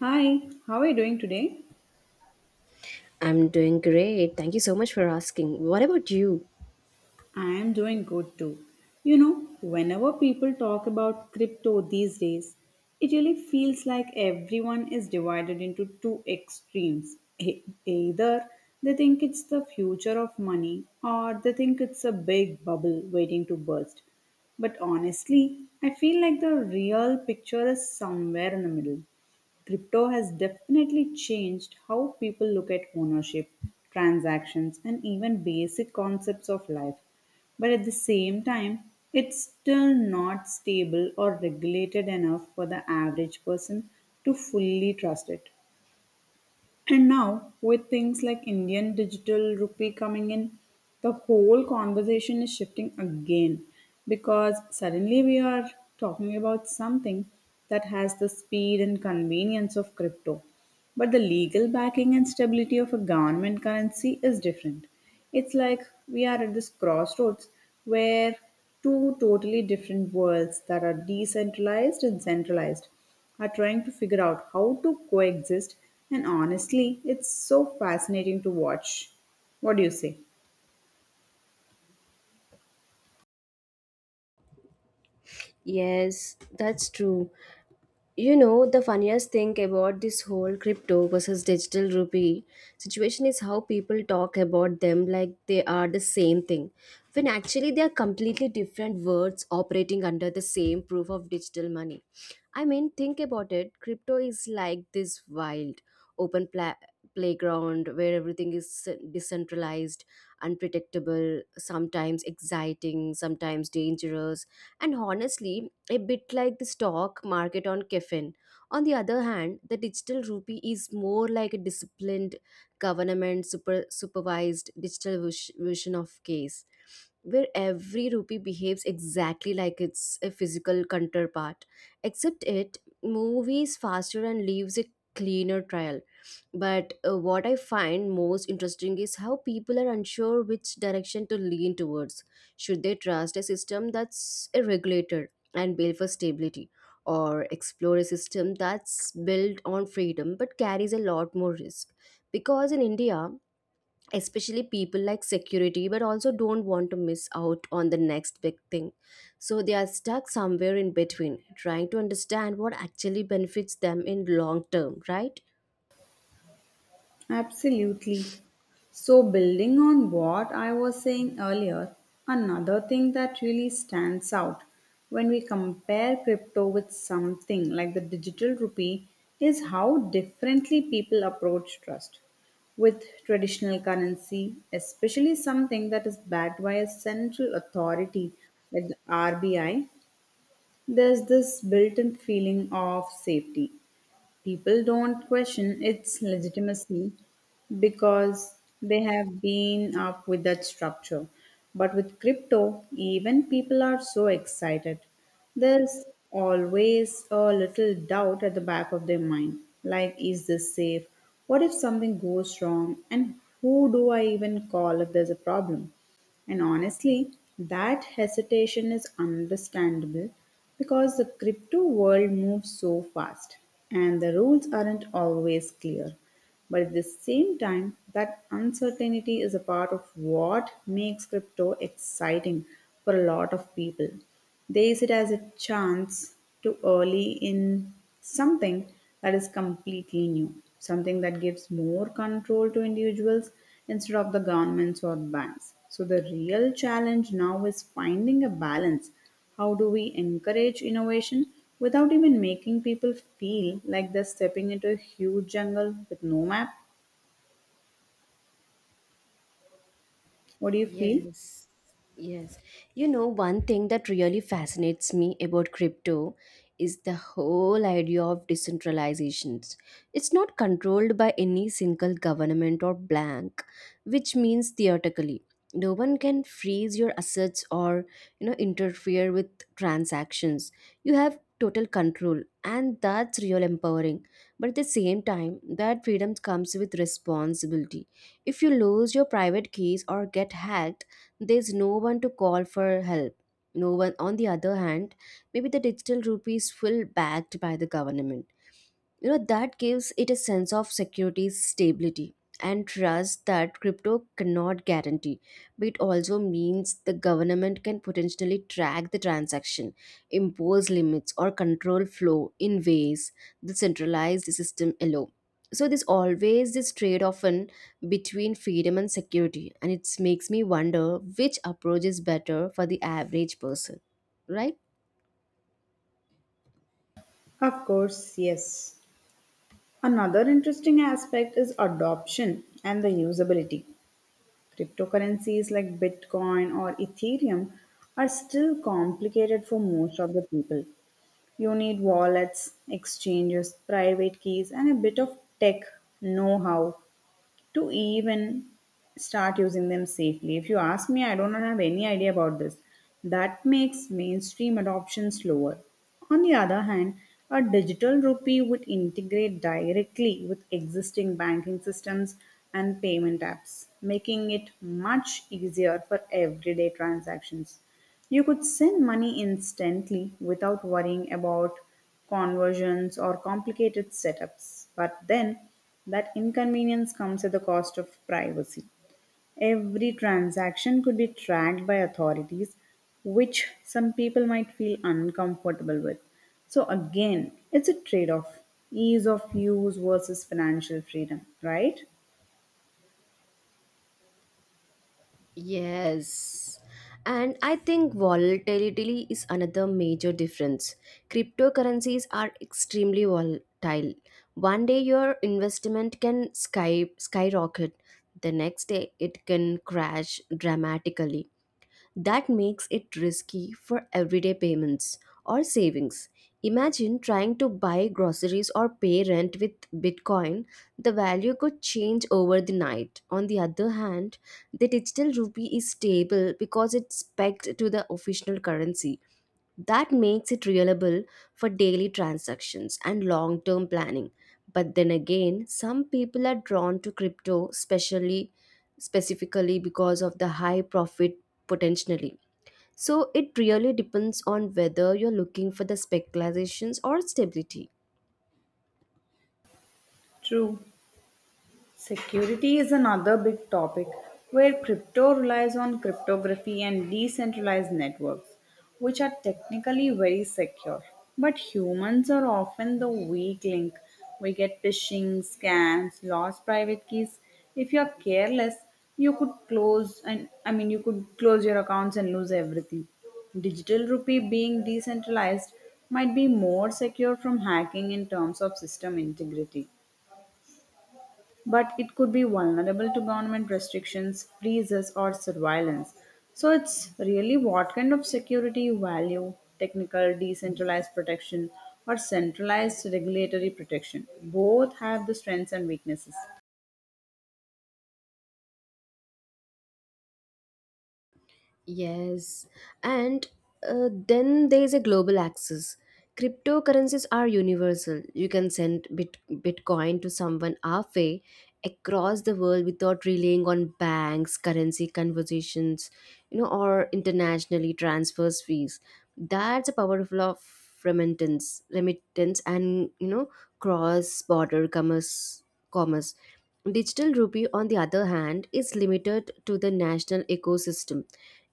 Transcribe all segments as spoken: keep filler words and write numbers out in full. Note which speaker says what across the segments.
Speaker 1: Hi, how are you doing today?
Speaker 2: I'm doing great. Thank you so much for asking. What about you?
Speaker 1: I am doing good too. You know, whenever people talk about crypto these days, it really feels like everyone is divided into two extremes. E- Either they think it's the future of money or they think it's a big bubble waiting to burst. But honestly, I feel like the real picture is somewhere in the middle. Crypto has definitely changed how people look at ownership, transactions, and even basic concepts of life. But at the same time, it's still not stable or regulated enough for the average person to fully trust it. And now, with things like Indian digital rupee coming in, the whole conversation is shifting again because suddenly we are talking about something that has the speed and convenience of crypto. But the legal backing and stability of a government currency is different. It's like we are at this crossroads where two totally different worlds that are decentralized and centralized are trying to figure out how to coexist, and honestly, it's so fascinating to watch. What do you say?
Speaker 2: Yes, that's true. You know, the funniest thing about this whole crypto versus digital rupee situation is how people talk about them like they are the same thing, when actually they are completely different words operating under the same proof of digital money. I mean, think about it, crypto is like this wild, open pla- playground where everything is decentralized, unpredictable, sometimes exciting, sometimes dangerous, and honestly, a bit like the stock market on Kefin. On the other hand, the digital rupee is more like a disciplined government super, supervised digital vis- vision of case, where every rupee behaves exactly like it's a physical counterpart, except it moves faster and leaves a cleaner trail. But uh, what I find most interesting is how people are unsure which direction to lean towards. Should they trust a system that's regulated and built for stability, or explore a system that's built on freedom but carries a lot more risk? Because in India, especially, people like security but also don't want to miss out on the next big thing. So they are stuck somewhere in between, trying to understand what actually benefits them in long term, right?
Speaker 1: Absolutely. So, building on what I was saying earlier, another thing that really stands out when we compare crypto with something like the digital rupee is how differently people approach trust. With traditional currency, especially something that is backed by a central authority like the R B I, there's this built in feeling of safety. People don't question its legitimacy because they have been up with that structure. But with crypto, even people are so excited. There's always a little doubt at the back of their mind like, is this safe? What if something goes wrong? And who do I even call if there's a problem? And honestly, that hesitation is understandable because the crypto world moves so fast and the rules aren't always clear. But at the same time, that uncertainty is a part of what makes crypto exciting for a lot of people. They see it as a chance to early in something that is completely new, something that gives more control to individuals instead of the governments or banks. So, the real challenge now is finding a balance. How do we encourage innovation without even making people feel like they're stepping into a huge jungle with no map? What do you feel?
Speaker 2: Yes, yes. You know, one thing that really fascinates me about crypto is the whole idea of decentralizations. It's not controlled by any single government or bank, which means theoretically, no one can freeze your assets or, you know, interfere with transactions. You have total control, and that's real empowering. But at the same time, that freedom comes with responsibility. If you lose your private keys or get hacked, there's no one to call for help. No one. On the other hand, maybe the digital rupees is full backed by the government. You know that gives it a sense of security, stability, and trust that crypto cannot guarantee, but it also means the government can potentially track the transaction, impose limits, or control flow in ways the centralized system allow. So there's always this trade off between freedom and security, and it makes me wonder which approach is better for the average person, right?
Speaker 1: Of course, yes. Another interesting aspect is adoption and the usability. Cryptocurrencies like Bitcoin or Ethereum are still complicated for most of the people. You need wallets, exchanges, private keys, and a bit of tech know how to even start using them safely. If you ask me, I don't have any idea about this. That makes mainstream adoption slower. On the other hand, a digital rupee would integrate directly with existing banking systems and payment apps, making it much easier for everyday transactions. You could send money instantly without worrying about conversions or complicated setups. But then that inconvenience comes at the cost of privacy. Every transaction could be tracked by authorities, which some people might feel uncomfortable with. So, again, it's a trade off ease of use versus financial freedom, right?
Speaker 2: Yes. And I think volatility is another major difference. Cryptocurrencies are extremely volatile. One day your investment can sky skyrocket, the next day it can crash dramatically. That makes it risky for everyday payments or savings. Imagine trying to buy groceries or pay rent with Bitcoin, the value could change over the night. On the other hand, the digital rupee is stable because it's pegged to the official currency. That makes it reliable for daily transactions and long term planning. But then again, some people are drawn to crypto specially specifically because of the high profit potentially. So it really depends on whether you're looking for the speculations or stability.
Speaker 1: True. Security is another big topic where crypto relies on cryptography and decentralized networks, which are technically very secure. But humans are often the weak link. We get phishing, scams, lost private keys. If you are careless, you could close and I mean you could close your accounts and lose everything. Digital rupee being decentralized might be more secure from hacking in terms of system integrity but it could be vulnerable to government restrictions, freezes, or surveillance. So it's really what kind of security you value, technical, decentralized protection, or centralized regulatory protection. Both have the strengths and weaknesses.
Speaker 2: Yes, and uh, then there is a global access. Cryptocurrencies are universal. You can send bit- Bitcoin to someone halfway across the world without relying on banks, currency conversations, you know, or internationally transfers fees. That's a powerful of remittance, remittance, and you know, cross-border commerce, commerce. Digital rupee, on the other hand, is limited to the national ecosystem.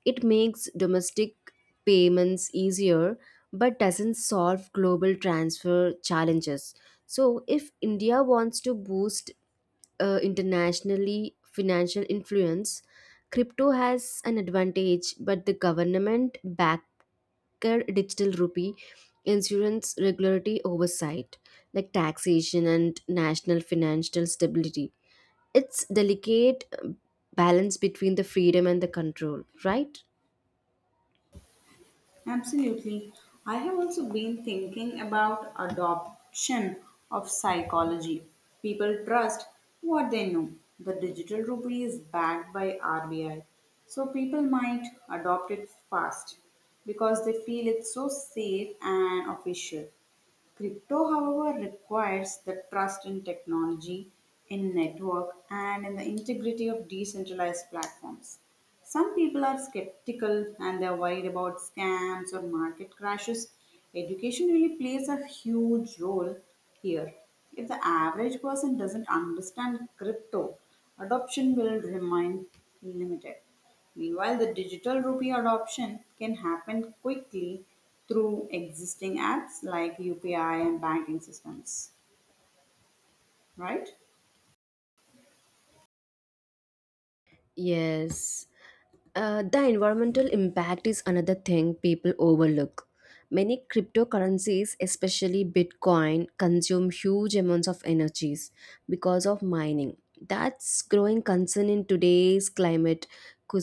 Speaker 2: It makes domestic payments easier but doesn't solve global transfer challenges. So, if India wants to boost uh, internationally financial influence, crypto has an advantage, but the government back digital rupee insurance regulatory oversight like taxation and national financial stability, it's delicate uh, balance between the freedom and the control, right?
Speaker 1: Absolutely. I have also been thinking about adoption of psychology. People trust what they know. The digital rupee is backed by R B I, so people might adopt it fast because they feel it's so safe and official. Crypto, however, requires the trust in technology, in network, and in the integrity of decentralized platforms. Some people are skeptical and they're worried about scams or market crashes. Education really plays a huge role here. If the average person doesn't understand crypto, adoption will remain limited. Meanwhile, the digital rupee adoption can happen quickly through existing apps like U P I and banking systems, right?
Speaker 2: Yes. Uh, the environmental impact is another thing people overlook. Many cryptocurrencies, especially Bitcoin, consume huge amounts of energies because of mining. That's growing concern in today's climate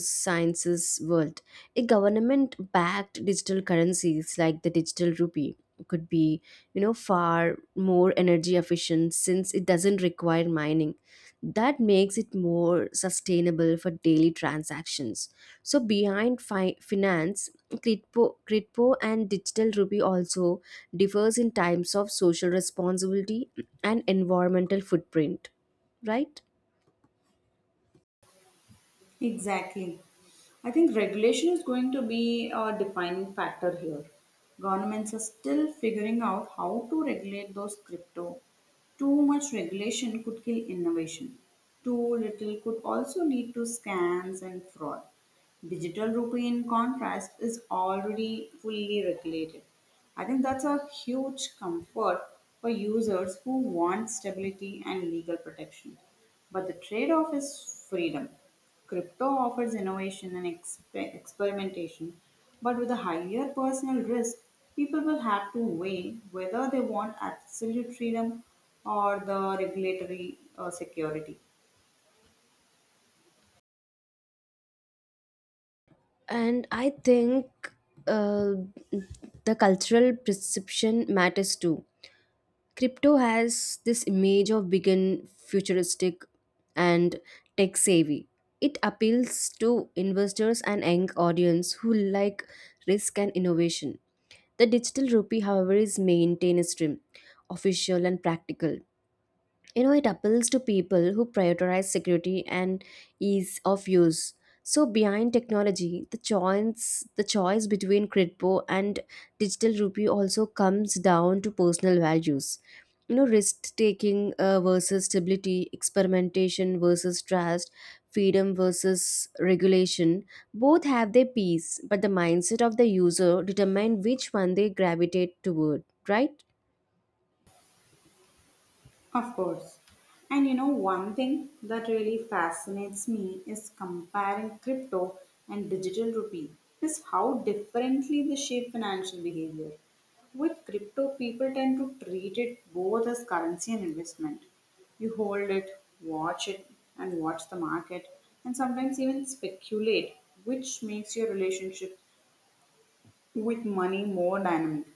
Speaker 2: sciences world. A government-backed digital currencies like the digital rupee could be, you know, far more energy efficient since it doesn't require mining. That makes it more sustainable for daily transactions. So behind fi- finance, Critpo, Critpo and Digital Rupee also differs in times of social responsibility and environmental footprint, right?
Speaker 1: Exactly. I think regulation is going to be a defining factor here. Governments are still figuring out how to regulate those crypto. Too much regulation could kill innovation. Too little could also lead to scams and fraud. Digital rupee, in contrast, is already fully regulated. I think that's a huge comfort for users who want stability and legal protection. But the trade off is freedom. Crypto offers innovation and expe- experimentation, but with a higher personal risk, people will have to weigh whether they want absolute freedom or the regulatory uh, security.
Speaker 2: And I think uh, the cultural perception matters too. Crypto has this image of big and futuristic and tech savvy. It appeals to investors and young audience who like risk and innovation. The digital rupee, however, is maintained extreme, official, and practical. You know it appeals to people who prioritize security and ease of use. So behind technology, the choice the choice between crypto and digital rupee also comes down to personal values. You know risk taking uh, versus stability, experimentation versus trust, freedom versus regulation. Both have their piece, but the mindset of the user determine which one they gravitate toward, right?
Speaker 1: Of course. And you know, one thing that really fascinates me is comparing crypto and digital rupee is how differently they shape financial behavior. With crypto, people tend to treat it both as currency and investment. You hold it, watch it, and watch the market, and sometimes even speculate, which makes your relationship with money more dynamic.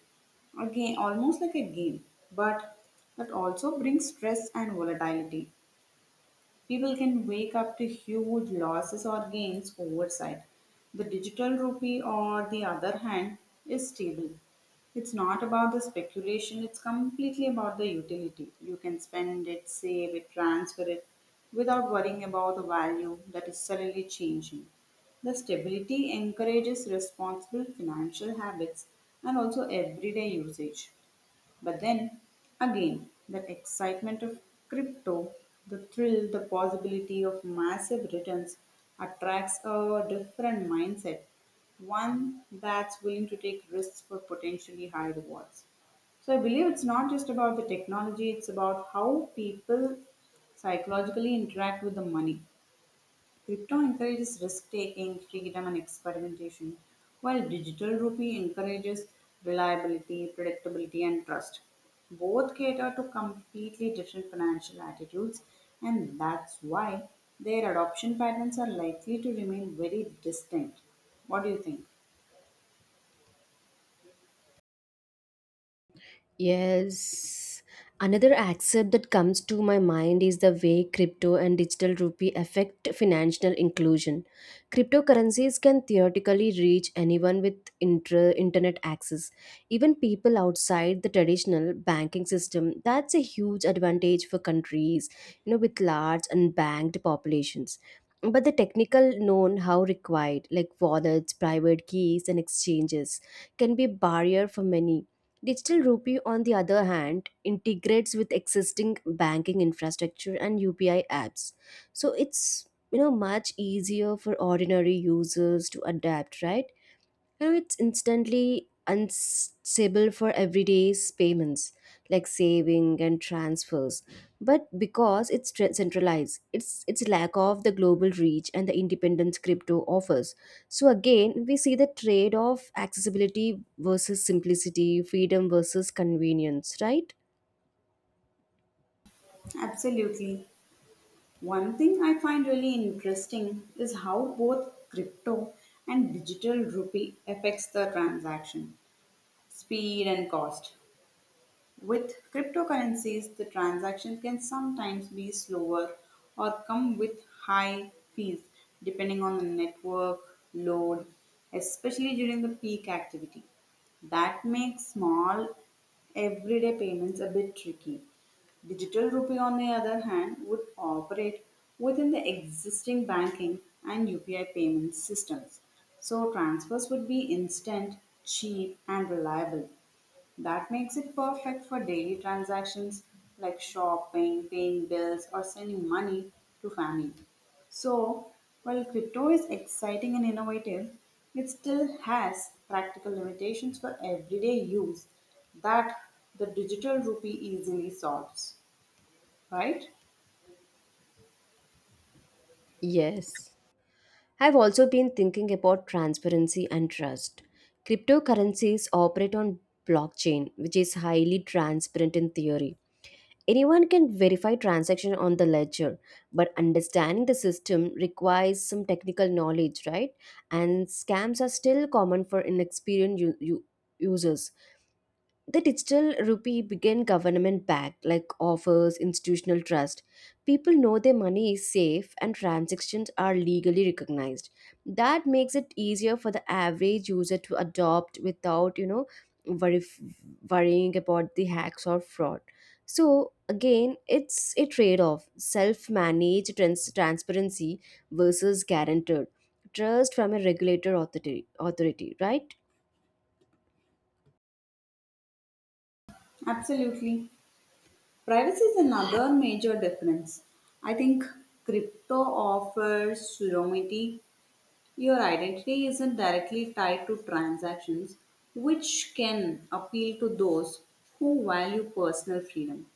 Speaker 1: Again, almost like a game, but that also brings stress and volatility. People can wake up to huge losses or gains oversight. The digital rupee, on the other hand, is stable. It's not about the speculation, it's completely about the utility. You can spend it, save it, transfer it without worrying about the value that is suddenly changing. The stability encourages responsible financial habits and also everyday usage. But then again, that excitement of crypto, the thrill, the possibility of massive returns attracts a different mindset, one that's willing to take risks for potentially high rewards. So I believe it's not just about the technology, it's about how people psychologically interact with the money. Crypto encourages risk taking, freedom, and experimentation, while digital rupee encourages reliability, predictability, and trust. Both cater to completely different financial attitudes, and that's why their adoption patterns are likely to remain very distinct. What do you think?
Speaker 2: Yes. Another aspect that comes to my mind is the way crypto and digital rupee affect financial inclusion. Cryptocurrencies can theoretically reach anyone with inter- internet access, even people outside the traditional banking system. That's a huge advantage for countries, you know, with large unbanked populations. But the technical know-how required, like wallets, private keys, and exchanges, can be barrier for many. Digital rupee, on the other hand, integrates with existing banking infrastructure and U P I apps. So it's you know much easier for ordinary users to adapt, right? You know, it's instantly unstable for everyday payments like saving and transfers. But because it's tra- centralized, it's its lack of the global reach and the independence crypto offers. So again, we see the trade of accessibility versus simplicity, freedom versus convenience, right?
Speaker 1: Absolutely. One thing I find really interesting is how both crypto and digital rupee affects the transaction speed and cost. With cryptocurrencies, the transaction can sometimes be slower or come with high fees depending on the network load, especially during the peak activity. That makes small everyday payments a bit tricky. Digital rupee, on the other hand, would operate within the existing banking and U P I payment systems. So transfers would be instant, cheap, and reliable. That makes it perfect for daily transactions like shopping, paying bills, or sending money to family. So, while crypto is exciting and innovative, it still has practical limitations for everyday use that the digital rupee easily solves, right?
Speaker 2: Yes. I've also been thinking about transparency and trust. Cryptocurrencies operate on blockchain, which is highly transparent in theory. Anyone can verify transaction on the ledger, but understanding the system requires some technical knowledge, right? And scams are still common for inexperienced u- u- users. The digital rupee, began government backed, like offers institutional trust. People know their money is safe and transactions are legally recognized. That makes it easier for the average user to adopt without you know worry, worrying about the hacks or fraud. So again, it's a trade off, self managed trans- transparency versus guaranteed trust from a regulator authority authority, right?
Speaker 1: Absolutely. Privacy is another major difference. I think crypto offers anonymity. Your identity isn't directly tied to transactions, which can appeal to those who value personal freedom.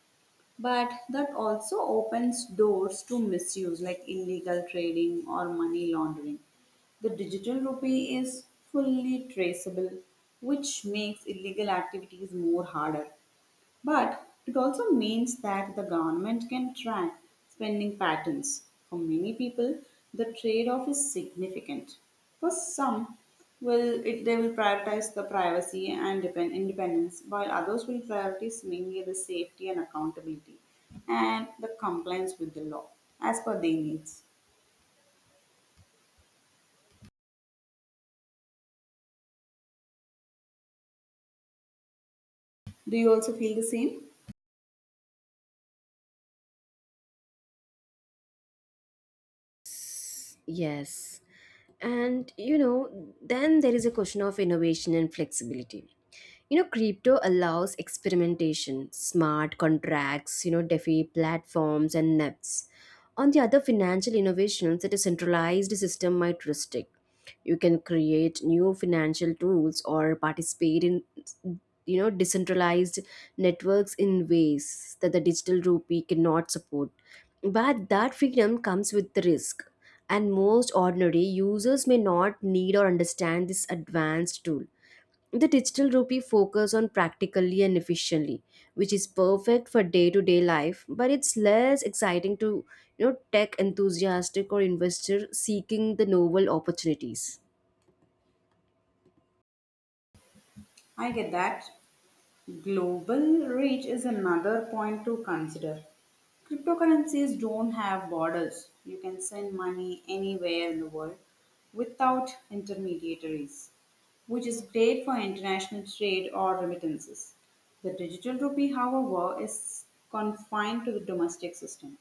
Speaker 1: But that also opens doors to misuse like illegal trading or money laundering. The digital rupee is fully traceable, which makes illegal activities more harder. But it also means that the government can track spending patterns. For many people, the trade off is significant. For some, will it, they will prioritize the privacy and depend, independence, while others will prioritize mainly the safety and accountability and the compliance with the law as per their needs. Do you also feel the same?
Speaker 2: Yes. And you know, then there is a question of innovation and flexibility. You know crypto allows experimentation, smart contracts, you know defi platforms, and nets on the other financial innovations that a centralized system might restrict. You can create new financial tools or participate in, you know decentralized networks in ways that the digital rupee cannot support. But that freedom comes with the risk, and most ordinary users may not need or understand this advanced tool. The digital rupee focus on practically and efficiently, which is perfect for day-to-day life, but it's less exciting to, you know tech enthusiastic or investor seeking the novel opportunities.
Speaker 1: I get that. Global reach is another point to consider. Cryptocurrencies don't have borders. You can send money anywhere in the world without intermediaries, which is great for international trade or remittances. The digital rupee, however, is confined to the domestic system.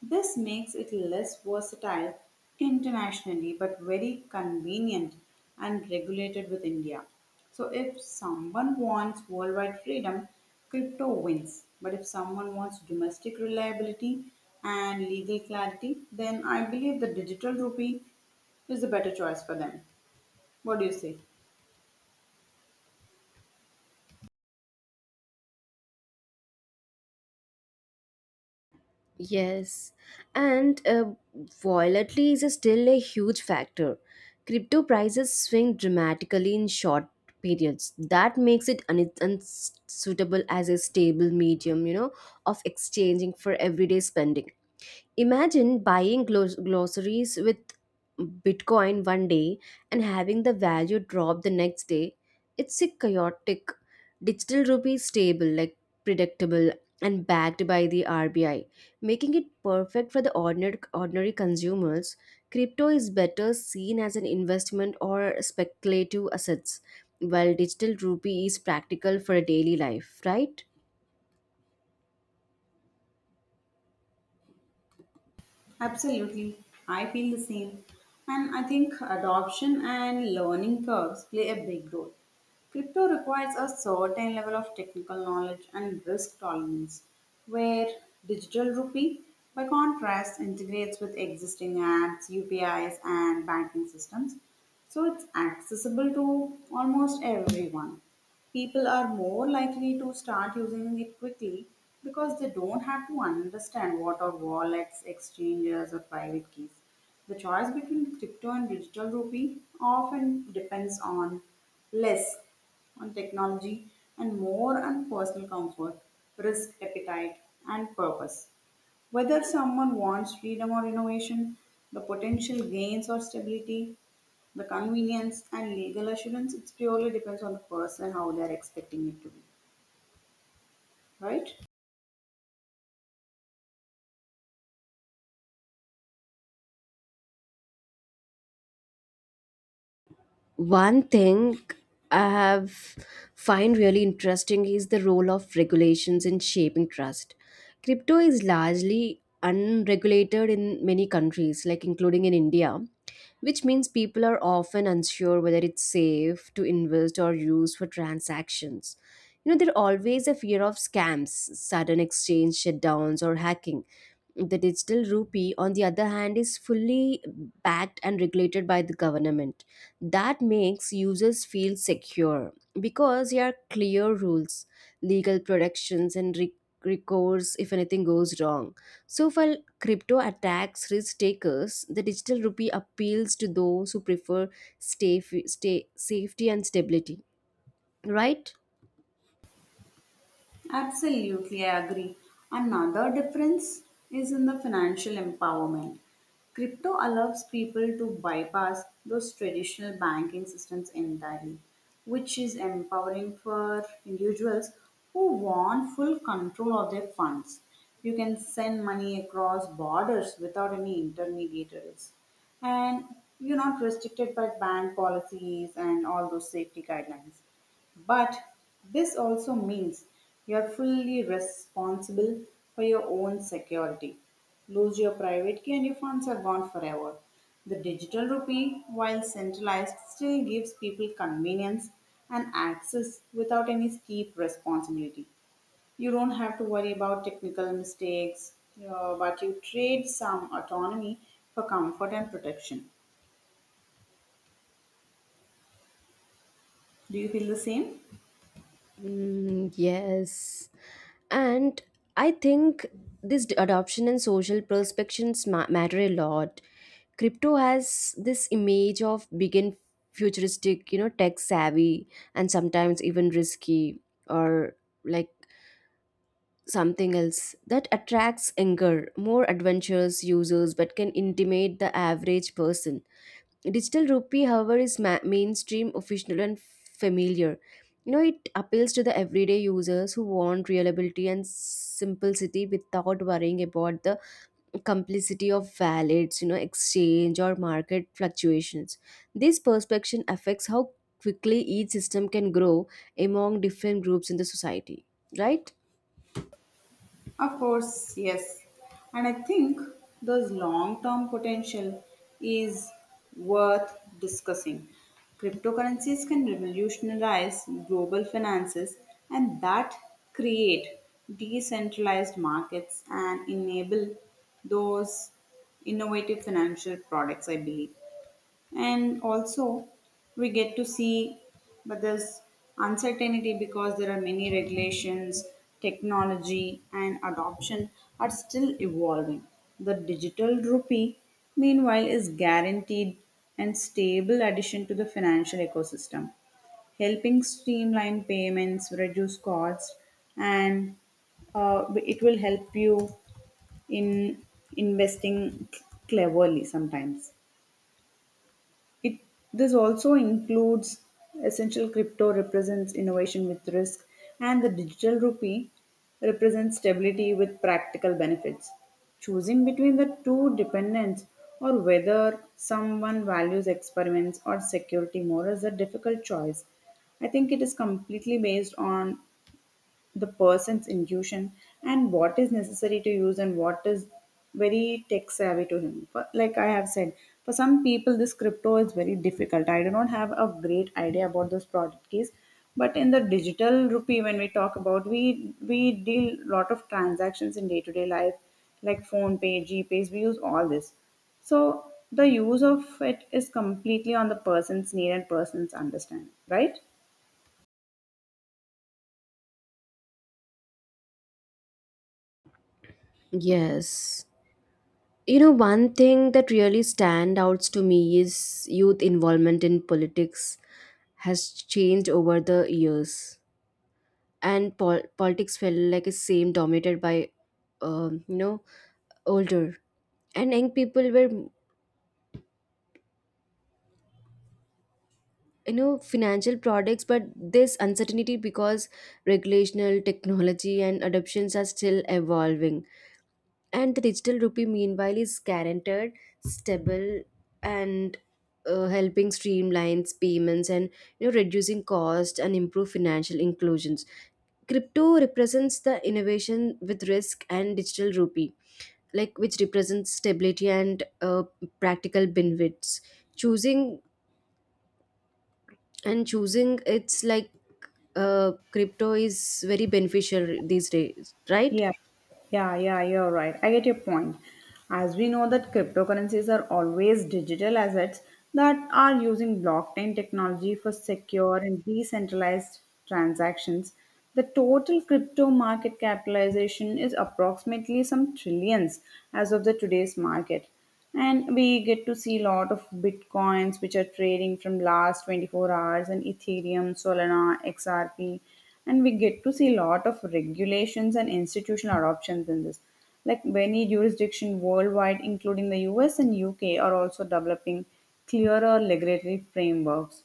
Speaker 1: This makes it less versatile internationally but very convenient and regulated with India. So, if someone wants worldwide freedom, crypto wins. But if someone wants domestic reliability and legal clarity, then I believe the digital rupee is the better choice for them. What do you say?
Speaker 2: Yes, and uh, volatility is still a huge factor. Crypto prices swing dramatically in short periods. That makes it un- unsuitable as a stable medium, you know, of exchanging for everyday spending. Imagine buying glos- glossaries with Bitcoin one day and having the value drop the next day. It's a chaotic. Digital rupee is stable, like predictable and backed by the R B I, making it perfect for the ordinary, ordinary consumers. Crypto is better seen as an investment or speculative assets, while digital rupee is practical for a daily life, right?
Speaker 1: Absolutely. I feel the same. And I think adoption and learning curves play a big role. Crypto requires a certain level of technical knowledge and risk tolerance, where digital rupee, by contrast, integrates with existing apps, U P Is, and banking systems. So it's accessible to almost everyone. People are more likely to start using it quickly because they don't have to understand what are wallets, exchanges, or private keys. The choice between crypto and digital rupee often depends on less on technology and more on personal comfort, risk appetite, and purpose. Whether someone wants freedom or innovation, the potential gains or stability, the convenience and legal assurance, it purely depends on the person how they are expecting it to be, right?
Speaker 2: One thing I have find really interesting is the role of regulations in shaping trust. Crypto is largely unregulated in many countries, like including in India, which means people are often unsure whether it's safe to invest or use for transactions. You know, there's always a fear of scams, sudden exchange shutdowns, or hacking. The digital rupee, on the other hand, is fully backed and regulated by the government. That makes users feel secure because there are clear rules, legal protections, and re- recourse if anything goes wrong. So, while crypto attacks risk takers, the digital rupee appeals to those who prefer stay, stay, safety, and stability. Right?
Speaker 1: Absolutely, I agree. Another difference is in the financial empowerment. Crypto allows people to bypass those traditional banking systems entirely, which is empowering for individuals who want full control of their funds. You can send money across borders without any intermediaries. And you're not restricted by bank policies and all those safety guidelines. But this also means you are fully responsible for your own security. Lose your private key and your funds are gone forever. The digital rupee, while centralized, still gives people convenience and access without any steep responsibility. You don't have to worry about technical mistakes, uh, but you trade some autonomy for comfort and protection. Do you feel the same?
Speaker 2: Mm, yes. And I think this d- adoption and social perspectives ma- matter a lot. Crypto has this image of big and futuristic, you know, tech savvy, and sometimes even risky, or like something else, that attracts younger, more adventurous users but can intimidate the average person. Digital rupee, however, is ma- mainstream, official, and familiar. You know, it appeals to the everyday users who want reliability and simplicity without worrying about the complicity of wallets, you know, exchange or market fluctuations. This perception affects how quickly each system can grow among different groups in the society, right?
Speaker 1: Of course, yes. And I think this long term potential is worth discussing. Cryptocurrencies can revolutionize global finances and that create decentralized markets and enable those innovative financial products, I believe, and also we get to see, but there's uncertainty because there are many regulations, technology and adoption are still evolving. The digital rupee meanwhile is guaranteed and stable addition to the financial ecosystem, helping streamline payments, reduce costs, and uh, it will help you in investing cleverly sometimes. It This also includes essential crypto represents innovation with risk, and the digital rupee represents stability with practical benefits. Choosing between the two depends or whether someone values experiments or security more is a difficult choice. I think it is completely based on the person's intuition and what is necessary to use and what is very tech savvy to him. For, like I have said, for some people, this crypto is very difficult. I do not have a great idea about those product keys. But in the digital rupee, when we talk about, we we deal lot of transactions in day to day life, like phone pay, GPays. We use all this, so the use of it is completely on the person's need and person's understanding, right?
Speaker 2: Yes. You know, one thing that really stand out to me is youth involvement in politics has changed over the years, and pol- politics felt like a same dominated by um, you know older, and young people were, you know financial products, but this uncertainty because regulational technology and adoptions are still evolving. And the digital rupee, meanwhile, is guaranteed, stable, and, uh, helping streamlines payments and, you know reducing cost and improve financial inclusions. Crypto represents the innovation with risk, and digital rupee, like, which represents stability and, uh, practical benefits. Choosing and choosing, it's like, uh, crypto is very beneficial these days, right?
Speaker 1: Yeah, yeah, yeah, you're right. I get your point. As we know that cryptocurrencies are always digital assets that are using blockchain technology for secure and decentralized transactions. The total crypto market capitalization is approximately some trillions as of the today's market, and we get to see a lot of bitcoins which are trading from last twenty-four hours, and ethereum, solana, xrp, and we get to see a lot of regulations and institutional adoptions in this, like many jurisdictions worldwide including the U S and U K are also developing clearer regulatory frameworks.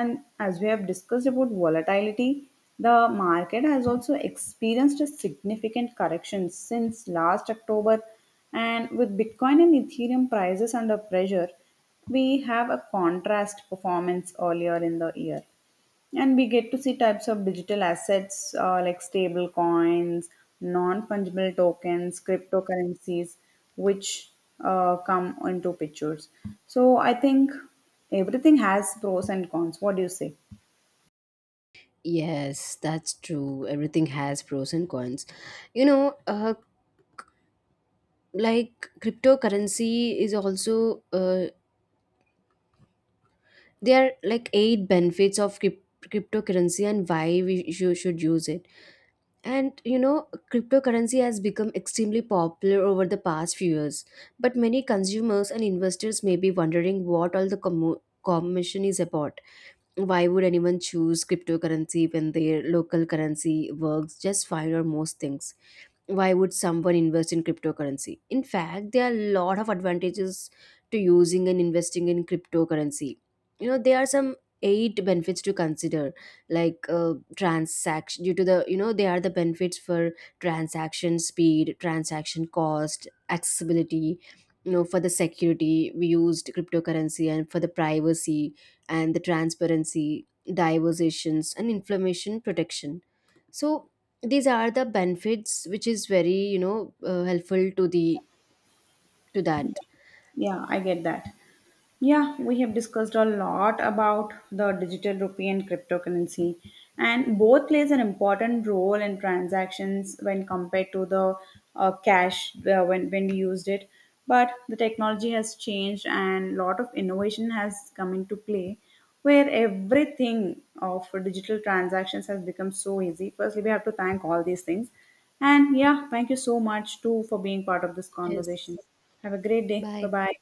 Speaker 1: And as we have discussed about volatility, the market has also experienced a significant correction since last October, and with Bitcoin and Ethereum prices under pressure, we have a contrast performance earlier in the year. And we get to see types of digital assets, uh, like stable coins, non fungible tokens, cryptocurrencies, which uh, come into pictures. So I think everything has pros and cons. What do you say?
Speaker 2: Yes, that's true. Everything has pros and cons. You know, uh, like cryptocurrency is also, uh, there are like eight benefits of cryp- cryptocurrency and why we sh- should use it. And you know, cryptocurrency has become extremely popular over the past few years. But many consumers and investors may be wondering what all the commo commission is about. Why would anyone choose cryptocurrency when their local currency works just fine or most things? Why would someone invest in cryptocurrency? In fact, there are a lot of advantages to using and investing in cryptocurrency. You know, there are some eight benefits to consider, like, uh, transaction due to the, you know, they are the benefits for transaction speed, transaction cost, accessibility. You know, for the security, we used cryptocurrency, and for the privacy and the transparency, diversations, and information protection. So these are the benefits which is very, you know uh, helpful to the to that.
Speaker 1: Yeah, I get that. Yeah, we have discussed a lot about the digital rupee and cryptocurrency, and both plays an important role in transactions when compared to the uh, cash, uh, when when we used it. But the technology has changed, and lot of innovation has come into play, where everything of digital transactions has become so easy. Firstly, we have to thank all these things. And yeah, thank you so much too for being part of this
Speaker 2: Yes,
Speaker 1: conversation. Have a great day.
Speaker 2: bye.
Speaker 1: Bye bye.